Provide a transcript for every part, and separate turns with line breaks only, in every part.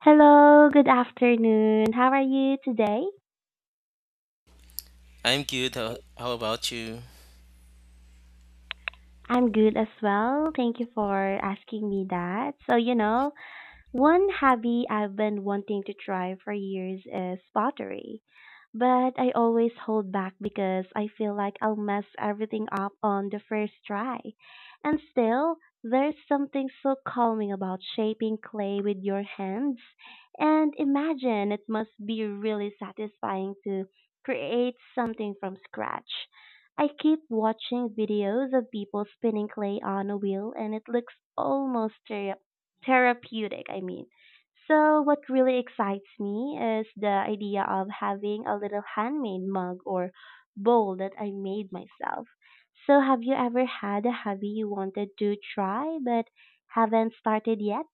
Hello, good afternoon. How are you today?
I'm good. How about you?
I'm good as well. Thank you for asking me that. One hobby I've been wanting to try for years is pottery, but I always hold back because I feel like I'll mess everything up on the first try. And still, there's something so calming about shaping clay with your hands. And imagine it must be really satisfying to create something from scratch. I keep watching videos of people spinning clay on a wheel and it looks almost therapeutic. So, what really excites me is the idea of having a little handmade mug or bowl that I made myself. So, have you ever had a hobby you wanted to try but haven't started yet?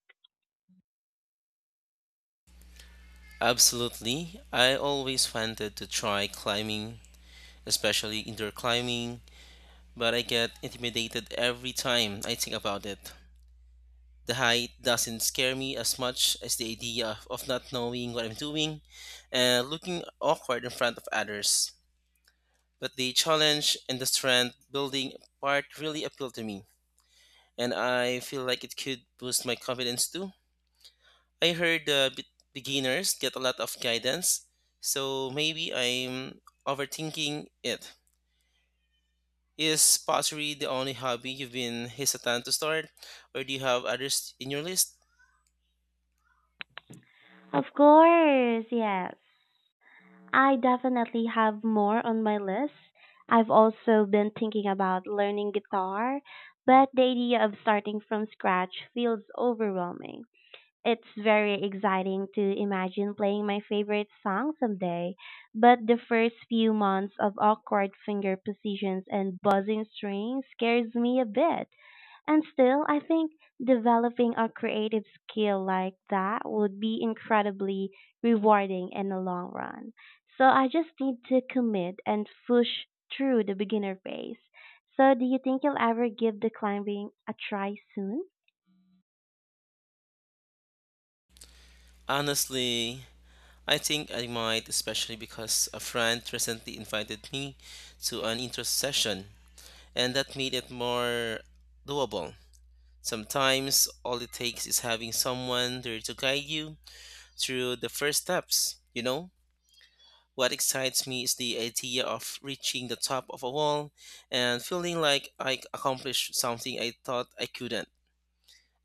Absolutely, I always wanted to try climbing, especially indoor climbing, but I get intimidated every time I think about it. The height doesn't scare me as much as the idea of not knowing what I'm doing and looking awkward in front of others. But the challenge and the strength building part really appeal to me, and I feel like it could boost my confidence too. I heard beginners get a lot of guidance, so maybe I'm overthinking it. Is pottery the only hobby you've been hesitant to start, or do you have others in your list?
Of course, yes. I definitely have more on my list. I've also been thinking about learning guitar, but the idea of starting from scratch feels overwhelming. It's very exciting to imagine playing my favorite song someday, but the first few months of awkward finger positions and buzzing strings scares me a bit. And still, I think developing a creative skill like that would be incredibly rewarding in the long run. So I just need to commit and push through the beginner phase. So do you think you'll ever give the climbing a try soon?
Honestly, I think I might, especially because a friend recently invited me to an intro session, and that made it more doable. Sometimes all it takes is having someone there to guide you through the first steps, you know? What excites me is the idea of reaching the top of a wall and feeling like I accomplished something I thought I couldn't.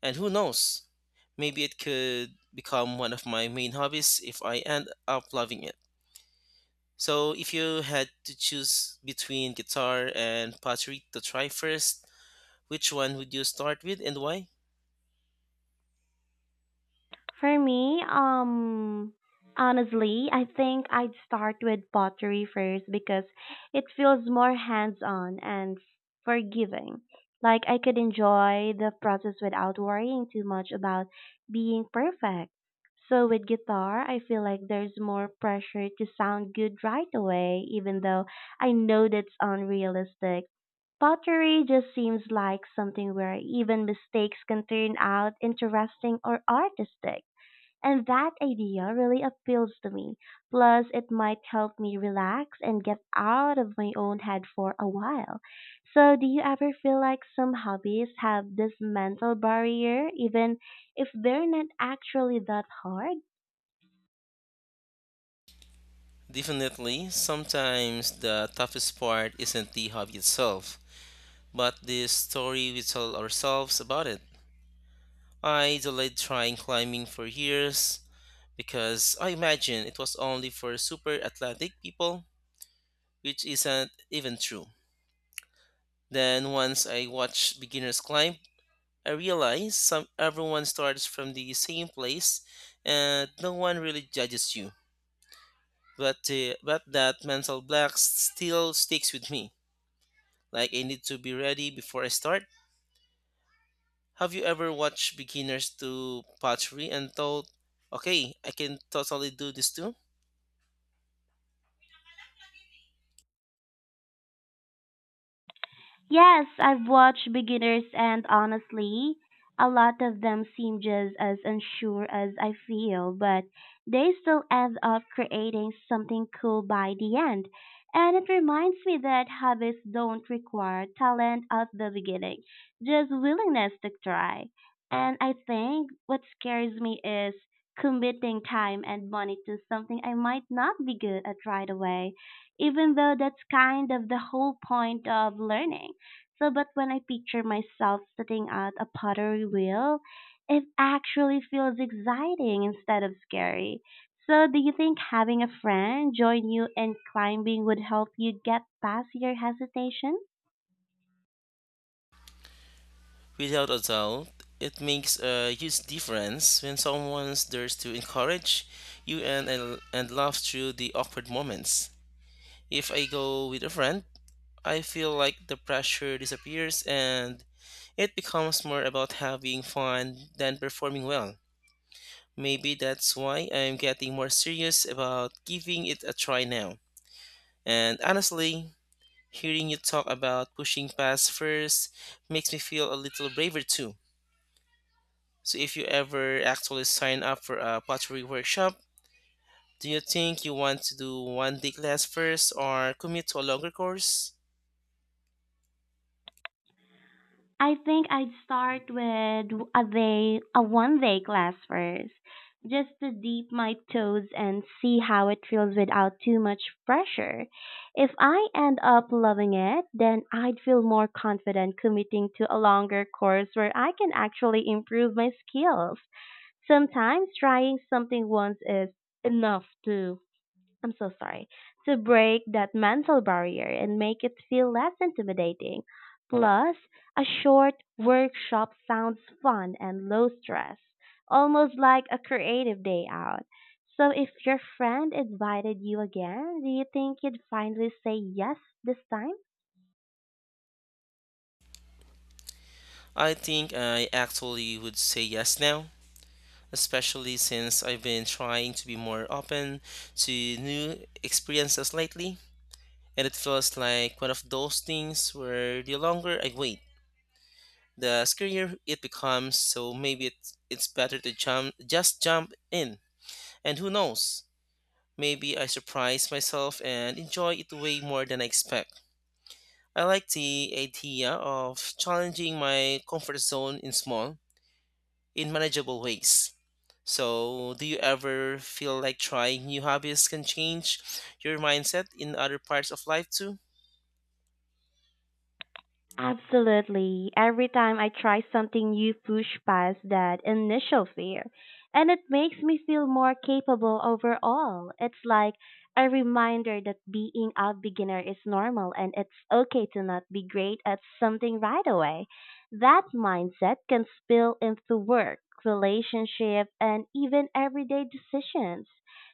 And who knows? Maybe it could become one of my main hobbies if I end up loving it. So, if you had to choose between guitar and pottery to try first, which one would you start with and why?
For me, honestly, I think I'd start with pottery first because it feels more hands-on and forgiving. Like I could enjoy the process without worrying too much about being perfect. So with guitar, I feel like there's more pressure to sound good right away, even though I know that's unrealistic. Pottery just seems like something where even mistakes can turn out interesting or artistic. And that idea really appeals to me. Plus, it might help me relax and get out of my own head for a while. So, do you ever feel like some hobbies have this mental barrier, even if they're not actually that hard?
Definitely, sometimes the toughest part isn't the hobby itself, but the story we tell ourselves about it. I delayed trying climbing for years because I imagined it was only for super athletic people, which isn't even true. Then once I watched beginners climb, I realized some everyone starts from the same place and no one really judges you. But that mental block still sticks with me, like I need to be ready before I start. Have you ever watched beginners do pottery and thought, "Okay, I can totally do this too?"
Yes, I've watched beginners and honestly, a lot of them seem just as unsure as I feel, but they still end up creating something cool by the end. And it reminds me that hobbies don't require talent at the beginning, just willingness to try. And I think what scares me is committing time and money to something I might not be good at right away, even though that's kind of the whole point of learning. So, but when I picture myself sitting at a pottery wheel, it actually feels exciting instead of scary. So, do you think having a friend join you in climbing would help you get past your hesitation?
Without a doubt, it makes a huge difference when someone dares to encourage you and laugh through the awkward moments. If I go with a friend, I feel like the pressure disappears and it becomes more about having fun than performing well. Maybe that's why I'm getting more serious about giving it a try now. And honestly, hearing you talk about pushing past first makes me feel a little braver too. So if you ever actually sign up for a pottery workshop, do you think you want to do one day class first or commit to a longer course?
I think I'd start with a one day class first, just to dip my toes and see how it feels without too much pressure. If I end up loving it, then I'd feel more confident committing to a longer course where I can actually improve my skills. Sometimes trying something once is enough too. I'm so sorry, to break that mental barrier and make it feel less intimidating. Plus, a short workshop sounds fun and low stress, almost like a creative day out. So, if your friend invited you again, do you think you'd finally say yes this time?
I think I actually would say yes now, especially since I've been trying to be more open to new experiences lately. And it feels like one of those things where the longer I wait, the scarier it becomes. So maybe it's better to just jump in. And who knows? Maybe I surprise myself and enjoy it way more than I expect. I like the idea of challenging my comfort zone in manageable ways. So, do you ever feel like trying new hobbies can change your mindset in other parts of life too?
Absolutely. Every time I try something new, push past that initial fear, and it makes me feel more capable overall. It's like a reminder that being a beginner is normal and it's okay to not be great at something right away. That mindset can spill into work, relationship, and even everyday decisions.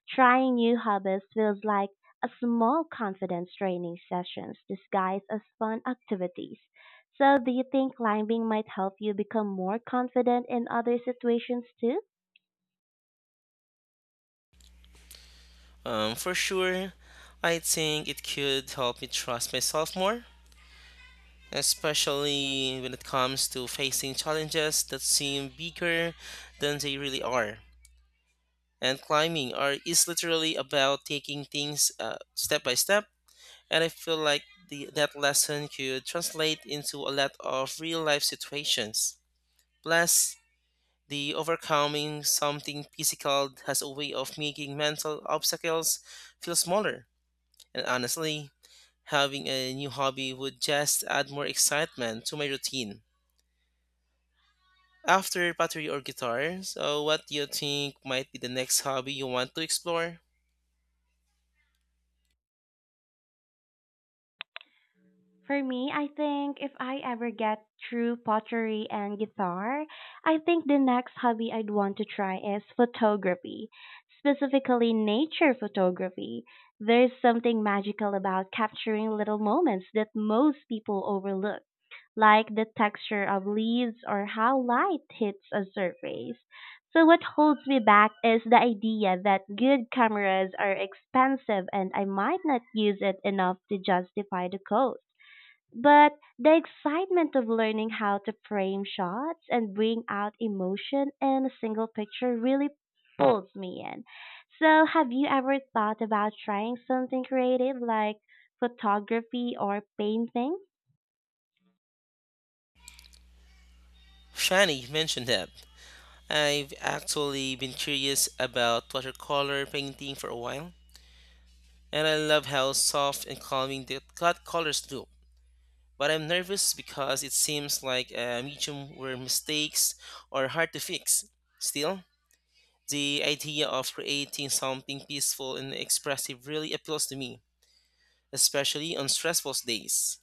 Trying new hobbies feels like a small confidence training sessions disguised as fun activities. So do you think climbing might help you become more confident in other situations too?
For sure, I think it could help me trust myself more, especially when it comes to facing challenges that seem bigger than they really are. And climbing are is literally about taking things step by step, and I feel like that lesson could translate into a lot of real life situations. Plus, the overcoming something physical has a way of making mental obstacles feel smaller. And honestly, having a new hobby would just add more excitement to my routine after pottery or guitar. So what do you think might be the next hobby you want to explore?
For me, I think if I ever get through pottery and guitar, I think the next hobby I'd want to try is photography, specifically nature photography. There's something magical about capturing little moments that most people overlook, like the texture of leaves or how light hits a surface. So, what holds me back is the idea that good cameras are expensive and I might not use it enough to justify the cost. But the excitement of learning how to frame shots and bring out emotion in a single picture really pulls me in. So, have you ever thought about trying something creative like photography or painting?
Shani mentioned that I've actually been curious about watercolor painting for a while, and I love how soft and calming the cut colors look. But I'm nervous because it seems like a medium where mistakes are hard to fix. Still, the idea of creating something peaceful and expressive really appeals to me, especially on stressful days.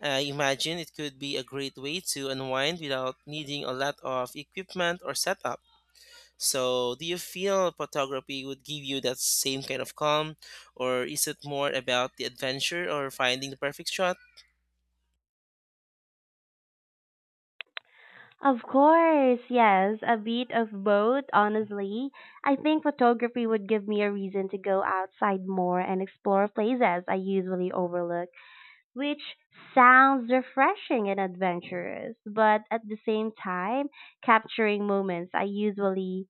I imagine it could be a great way to unwind without needing a lot of equipment or setup. So, do you feel photography would give you that same kind of calm, or is it more about the adventure or finding the perfect shot?
Of course, yes, a bit of both, honestly. I think photography would give me a reason to go outside more and explore places I usually overlook, which sounds refreshing and adventurous, but at the same time, capturing moments I usually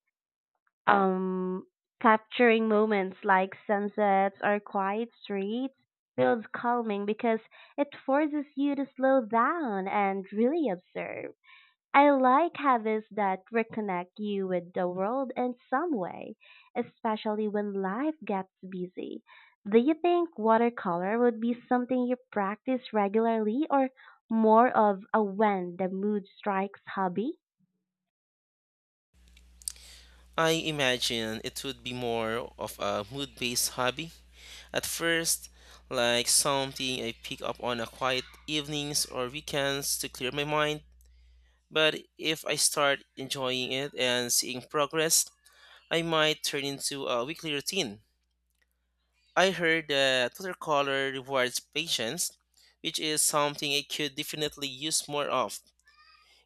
um capturing moments like sunsets or quiet streets feels calming because it forces you to slow down and really observe. I like habits that reconnect you with the world in some way, especially when life gets busy. Do you think watercolor would be something you practice regularly or more of a when the mood strikes hobby?
I imagine it would be more of a mood based hobby. At first, like something I pick up on a quiet evenings or weekends to clear my mind. But if I start enjoying it and seeing progress, I might turn into a weekly routine. I heard that watercolor rewards patience, which is something I could definitely use more of.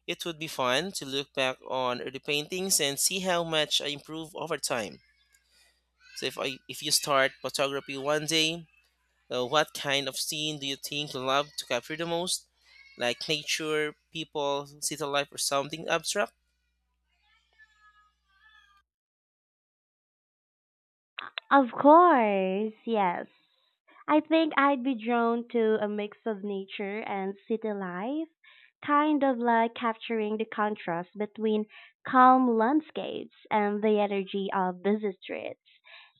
It would be fun to look back on early paintings and see how much I improve over time. So if you start photography one day, what kind of scene do you think you love to capture the most? Like nature, people, city life, or something abstract?
Of course, yes. I think I'd be drawn to a mix of nature and city life, kind of like capturing the contrast between calm landscapes and the energy of busy streets.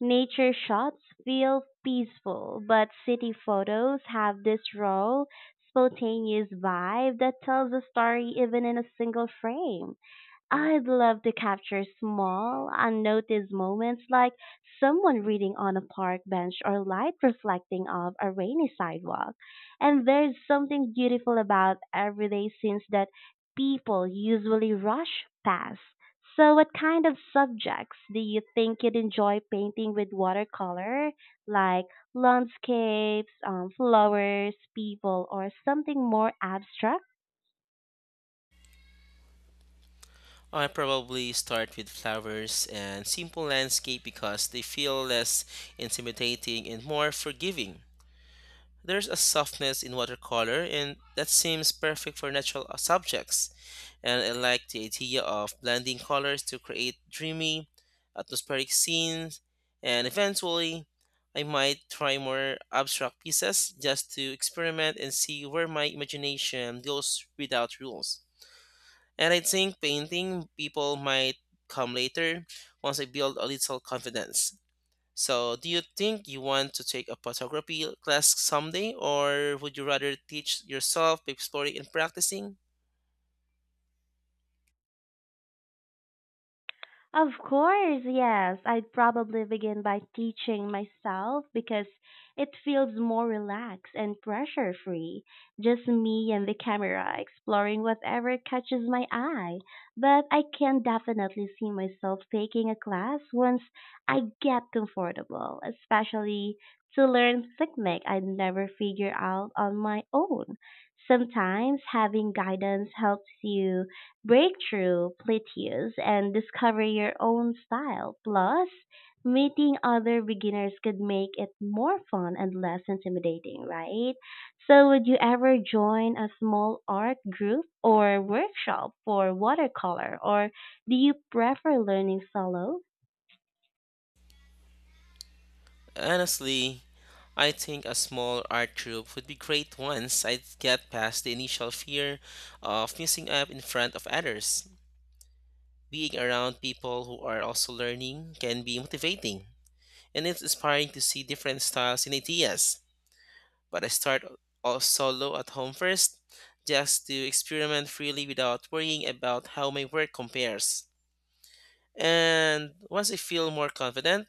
Nature shots feel peaceful, but city photos have this raw, spontaneous vibe that tells a story even in a single frame. I'd love to capture small, unnoticed moments like someone reading on a park bench or light reflecting off a rainy sidewalk. And there's something beautiful about everyday scenes that people usually rush past. So, what kind of subjects do you think you'd enjoy painting with watercolor, like landscapes, flowers, people, or something more abstract?
I probably start with flowers and simple landscape because they feel less intimidating and more forgiving. There's a softness in watercolor, and that seems perfect for natural subjects. And I like the idea of blending colors to create dreamy, atmospheric scenes. And eventually, I might try more abstract pieces just to experiment and see where my imagination goes without rules. And I think painting people might come later once I build a little confidence. So, do you think you want to take a photography class someday, or would you rather teach yourself by exploring and practicing?
Of course, yes. I'd probably begin by teaching myself because it feels more relaxed and pressure free. Just me and the camera exploring whatever catches my eye. But I can definitely see myself taking a class once I get comfortable, especially to learn technique I'd never figure out on my own. Sometimes having guidance helps you break through plateaus and discover your own style. Plus, meeting other beginners could make it more fun and less intimidating, right? So, would you ever join a small art group or workshop for watercolor, or do you prefer learning solo?
Honestly, I think a small art group would be great once I get past the initial fear of missing up in front of others. Being around people who are also learning can be motivating, and it's inspiring to see different styles and ideas. But I start all solo at home first, just to experiment freely without worrying about how my work compares. And once I feel more confident,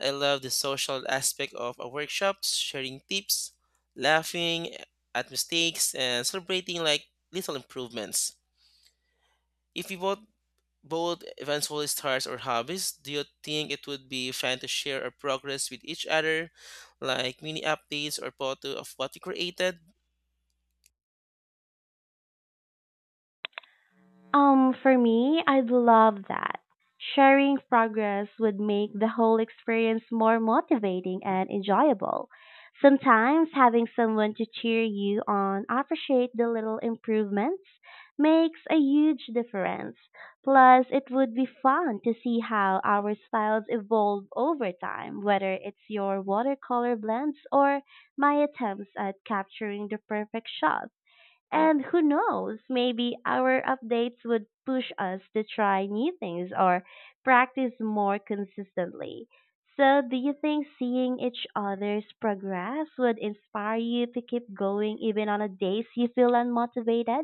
I love the social aspect of a workshop, sharing tips, laughing at mistakes, and celebrating like little improvements. If you both eventually stars or hobbies, do you think it would be fun to share our progress with each other, like mini updates or photo of what you created?
For me, I'd love that. Sharing progress would make the whole experience more motivating and enjoyable. Sometimes having someone to cheer you on, appreciate the little improvements, makes a huge difference. Plus, it would be fun to see how our styles evolve over time, whether it's your watercolor blends or my attempts at capturing the perfect shot. And who knows, maybe our updates would push us to try new things or practice more consistently. So, do you think seeing each other's progress would inspire you to keep going even on the days you feel unmotivated?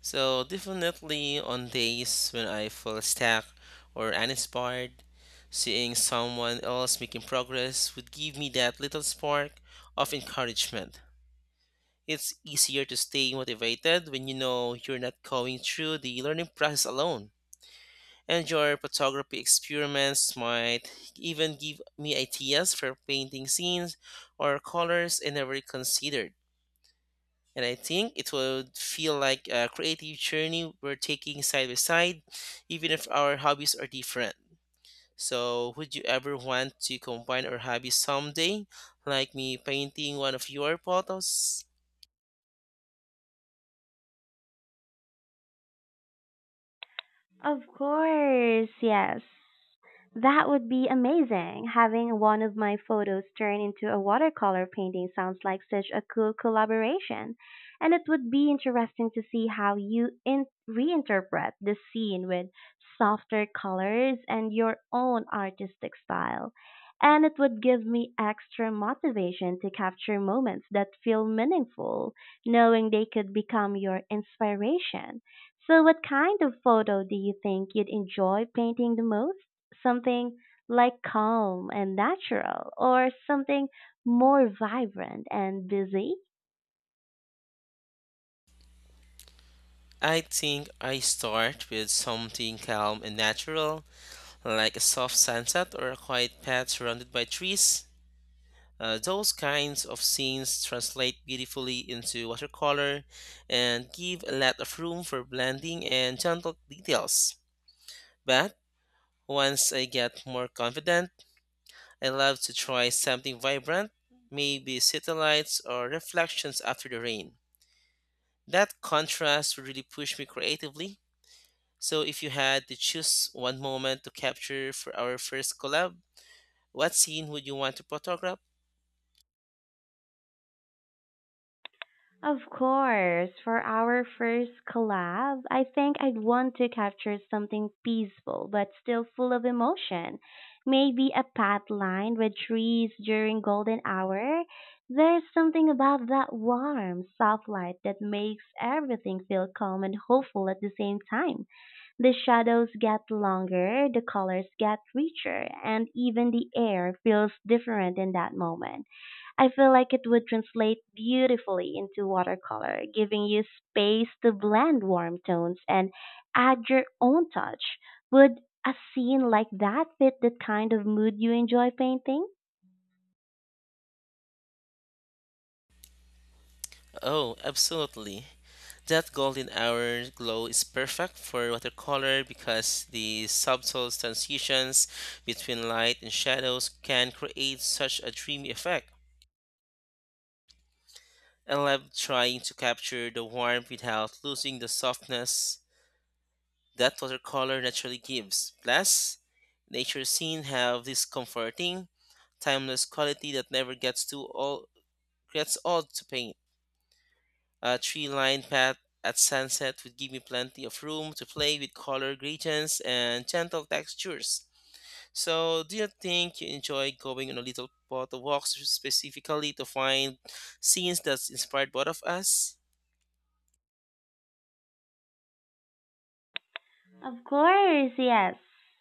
So definitely on days when I feel stuck or uninspired, seeing someone else making progress would give me that little spark of encouragement. It's easier to stay motivated when you know you're not going through the learning process alone. And your photography experiments might even give me ideas for painting scenes or colors I never considered. And I think it would feel like a creative journey we're taking side by side, even if our hobbies are different. So, would you ever want to combine our hobbies someday, like me painting one of your photos?
Of course, yes. That would be amazing. Having one of my photos turned into a watercolor painting sounds like such a cool collaboration. And it would be interesting to see how you reinterpret the scene with softer colors and your own artistic style. And it would give me extra motivation to capture moments that feel meaningful, knowing they could become your inspiration. So, what kind of photo do you think you'd enjoy painting the most? Something like calm and natural, or something more vibrant and busy?
I think I start with something calm and natural, like a soft sunset or a quiet path surrounded by trees. Those kinds of scenes translate beautifully into watercolor and give a lot of room for blending and gentle details. But once I get more confident, I love to try something vibrant, maybe satellites or reflections after the rain. That contrast would really push me creatively. So, if you had to choose one moment to capture for our first collab, what scene would you want to photograph?
Of course, for our first collab, I think I'd want to capture something peaceful but still full of emotion. Maybe a path lined with trees during golden hour. There's something about that warm, soft light that makes everything feel calm and hopeful at the same time. The shadows get longer, the colors get richer, and even the air feels different in that moment. I feel like it would translate beautifully into watercolor, giving you space to blend warm tones and add your own touch. Would a scene like that fit the kind of mood you enjoy painting?
Oh, absolutely. That golden hour glow is perfect for watercolor because the subtle transitions between light and shadows can create such a dreamy effect. I love trying to capture the warmth without losing the softness that watercolor naturally gives. Plus, nature scenes have this comforting, timeless quality that never gets too old, gets old to paint. A tree lined path at sunset would give me plenty of room to play with color gradients and gentle textures. So, do you think you enjoy going on a little photo walks specifically to find scenes that's inspired both of us?
Of course, yes.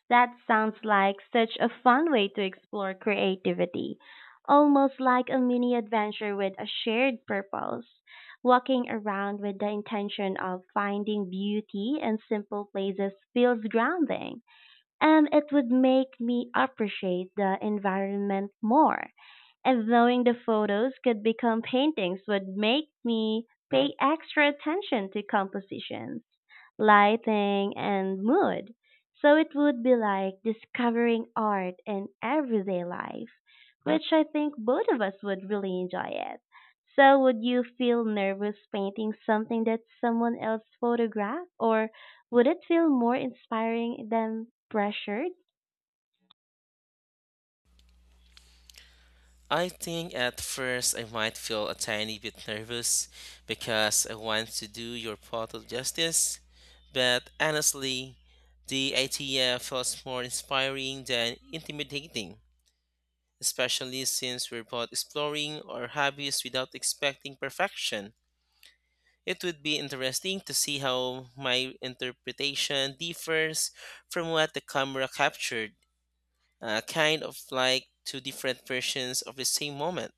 That sounds like such a fun way to explore creativity, almost like a mini adventure with a shared purpose. Walking around with the intention of finding beauty in simple places feels grounding, and it would make me appreciate the environment more. And knowing the photos could become paintings would make me pay extra attention to compositions, lighting, and mood. So it would be like discovering art in everyday life, which I think both of us would really enjoy it. So would you feel nervous painting something that someone else photographed, or would it feel more inspiring than pressured?
I think at first I might feel a tiny bit nervous because I want to do your photo justice, but honestly, the idea feels more inspiring than intimidating, especially since we're both exploring our hobbies without expecting perfection. It would be interesting to see how my interpretation differs from what the camera captured, kind of like two different versions of the same moment.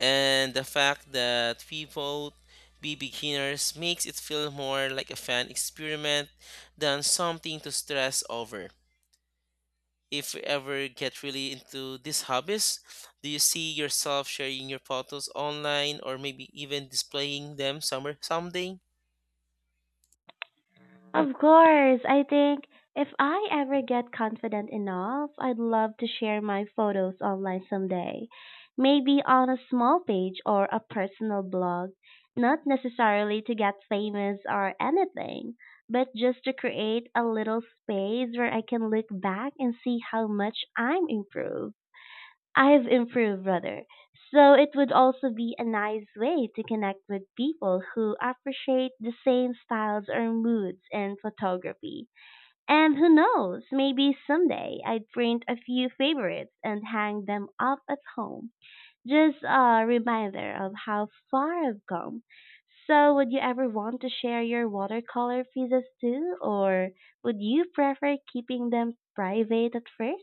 And the fact that we both be beginners makes it feel more like a fun experiment than something to stress over. If you ever get really into these hobbies, do you see yourself sharing your photos online or maybe even displaying them somewhere someday?
Of course, I think if I ever get confident enough, I'd love to share my photos online someday. Maybe on a small page or a personal blog, not necessarily to get famous or anything, but just to create a little space where I can look back and see how much I'm improved. I've improved, brother. So it would also be a nice way to connect with people who appreciate the same styles or moods in photography. And who knows, maybe someday I'd print a few favorites and hang them up at home. Just a reminder of how far I've come. So would you ever want to share your watercolor pieces too, or would you prefer keeping them private at first?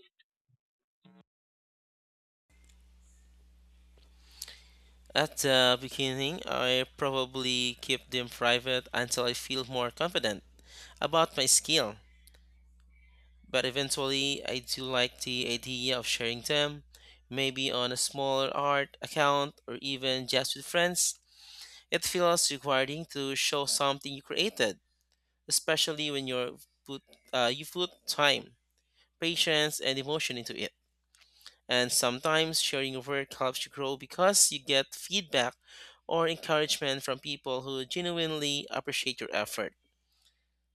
At the beginning, I probably keep them private until I feel more confident about my skill. But eventually, I do like the idea of sharing them, maybe on a smaller art account or even just with friends. It feels rewarding to show something you created, especially when put you put time, patience, and emotion into it. And sometimes sharing your work helps you grow because you get feedback or encouragement from people who genuinely appreciate your effort.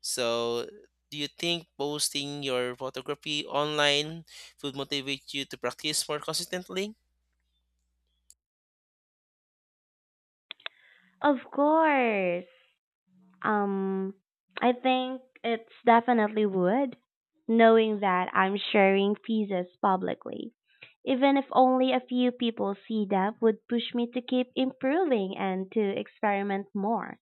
So, do you think posting your photography online would motivate you to practice more consistently?
Of course. Um, I think it's definitely would, knowing that I'm sharing pieces publicly. Even if only a few people see them would push me to keep improving and to experiment more.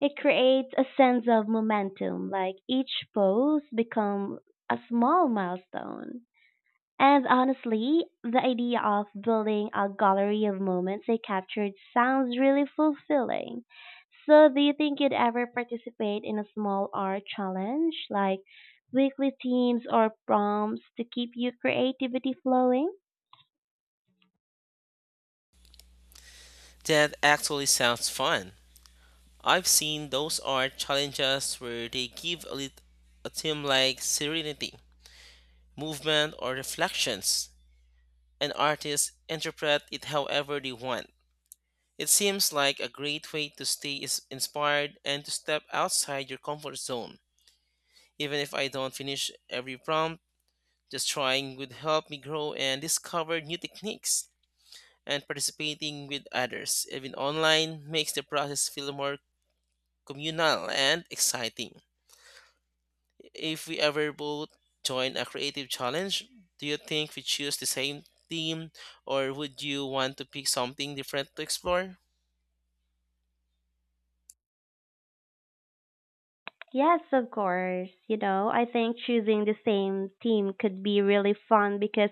It creates a sense of momentum, like each pose become a small milestone. And honestly, the idea of building a gallery of moments I captured sounds really fulfilling. So, do you think you'd ever participate in a small art challenge, like weekly themes or prompts to keep your creativity flowing?
That actually sounds fun. I've seen those art challenges where they give a theme like serenity, movement, or reflections, and artists interpret it however they want. It seems like a great way to stay is inspired and to step outside your comfort zone. Even if I don't finish every prompt, just trying would help me grow and discover new techniques, and participating with others, even online, makes the process feel more communal and exciting. If we ever both join a creative challenge, do you think we choose the same theme or would you want to pick something different to explore?
Yes, of course. You know, I think choosing the same theme could be really fun because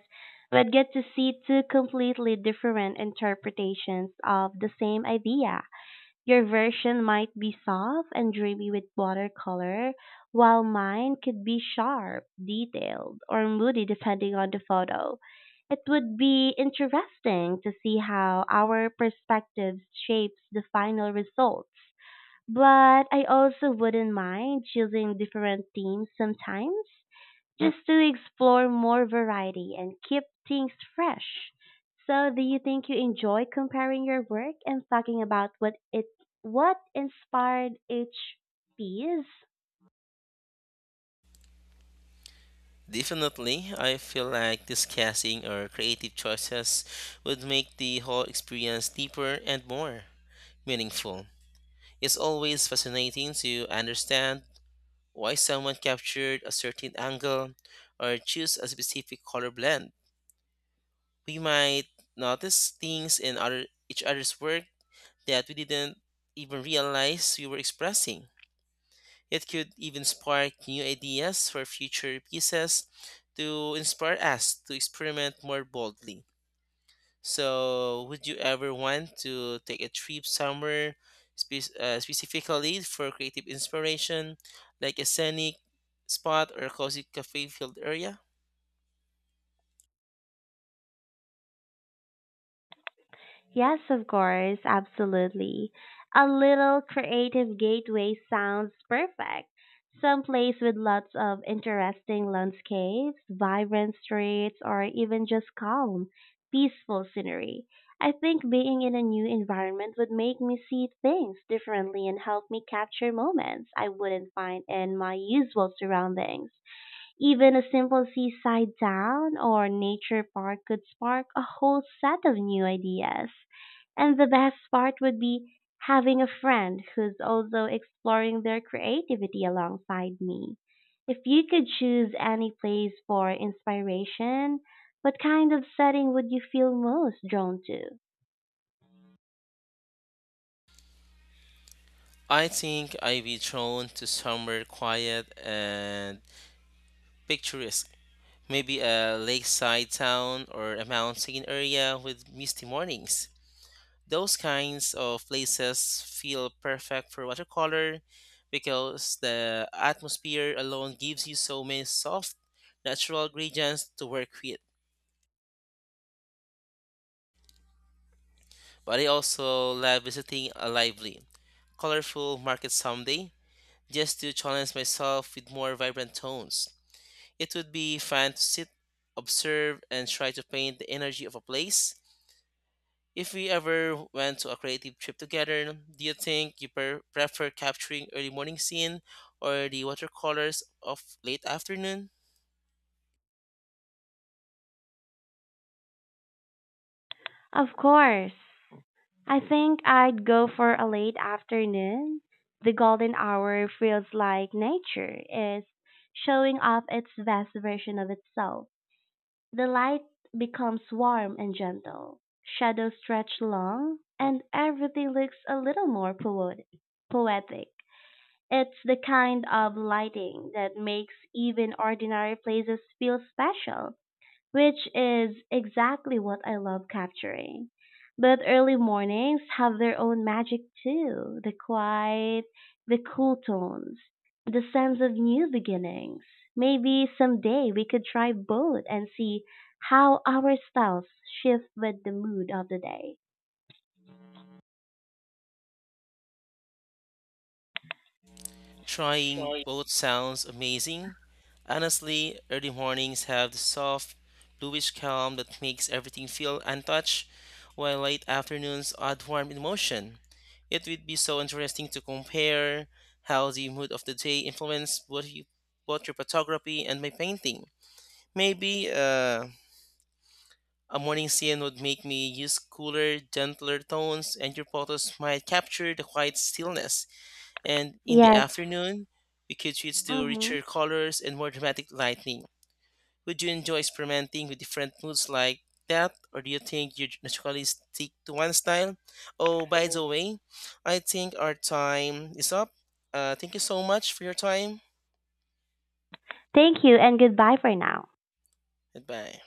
we'd get to see two completely different interpretations of the same idea. Your version might be soft and dreamy with watercolor, while mine could be sharp, detailed, or moody depending on the photo. It would be interesting to see how our perspectives shapes the final results. But I also wouldn't mind choosing different themes sometimes just to explore more variety and keep things fresh. So, do you think you enjoy comparing your work and talking about what inspired each piece?
Definitely, I feel like discussing our creative choices would make the whole experience deeper and more meaningful. It's always fascinating to understand why someone captured a certain angle or choose a specific color blend. We might notice things in other each other's work that we didn't even realize we were expressing. It could even spark new ideas for future pieces to inspire us to experiment more boldly. So, would you ever want to take a trip somewhere specifically for creative inspiration, like a scenic spot or a cozy cafe filled area?
Yes, of course, absolutely. A little creative gateway sounds perfect. Some place with lots of interesting landscapes, vibrant streets, or even just calm, peaceful scenery. I think being in a new environment would make me see things differently and help me capture moments I wouldn't find in my usual surroundings. Even a simple seaside town or nature park could spark a whole set of new ideas. And the best part would be having a friend who's also exploring their creativity alongside me. If you could choose any place for inspiration, what kind of setting would you feel most drawn to?
I think I'd be drawn to somewhere quiet and picturesque. Maybe a lakeside town or a mountain area with misty mornings. Those kinds of places feel perfect for watercolor because the atmosphere alone gives you so many soft, natural gradients to work with. But I also love visiting a lively, colorful market someday just to challenge myself with more vibrant tones. It would be fun to sit, observe, and try to paint the energy of a place. If we ever went to a creative trip together, do you think you per- prefer capturing early morning scene or the watercolors of late afternoon?
Of course. I think I'd go for a late afternoon. The golden hour feels like nature is showing off its best version of itself. The light becomes warm and gentle, shadows stretch long, and everything looks a little more poetic. It's the kind of lighting that makes even ordinary places feel special, which is exactly what I love capturing. But early mornings have their own magic too, the quiet, the cool tones, the sense of new beginnings. Maybe someday we could try both and see how our styles shift with the mood of the day.
Trying
Well,
both sounds amazing. Honestly, early mornings have the soft, bluish calm that makes everything feel untouched, while late afternoons add warm emotion. It would be so interesting to compare how the mood of the day influenced both your photography and my painting. Maybe a morning scene would make me use cooler, gentler tones, and your photos might capture the quiet stillness and in the
yes.
afternoon, we could switch to
Mm-hmm.
richer colors and more dramatic lighting. Would you enjoy experimenting with different moods like that, or do you think you naturally stick to one style? Oh, by the way, I think our time is up. Thank you so much for your time.
Thank you and goodbye for now.
Goodbye.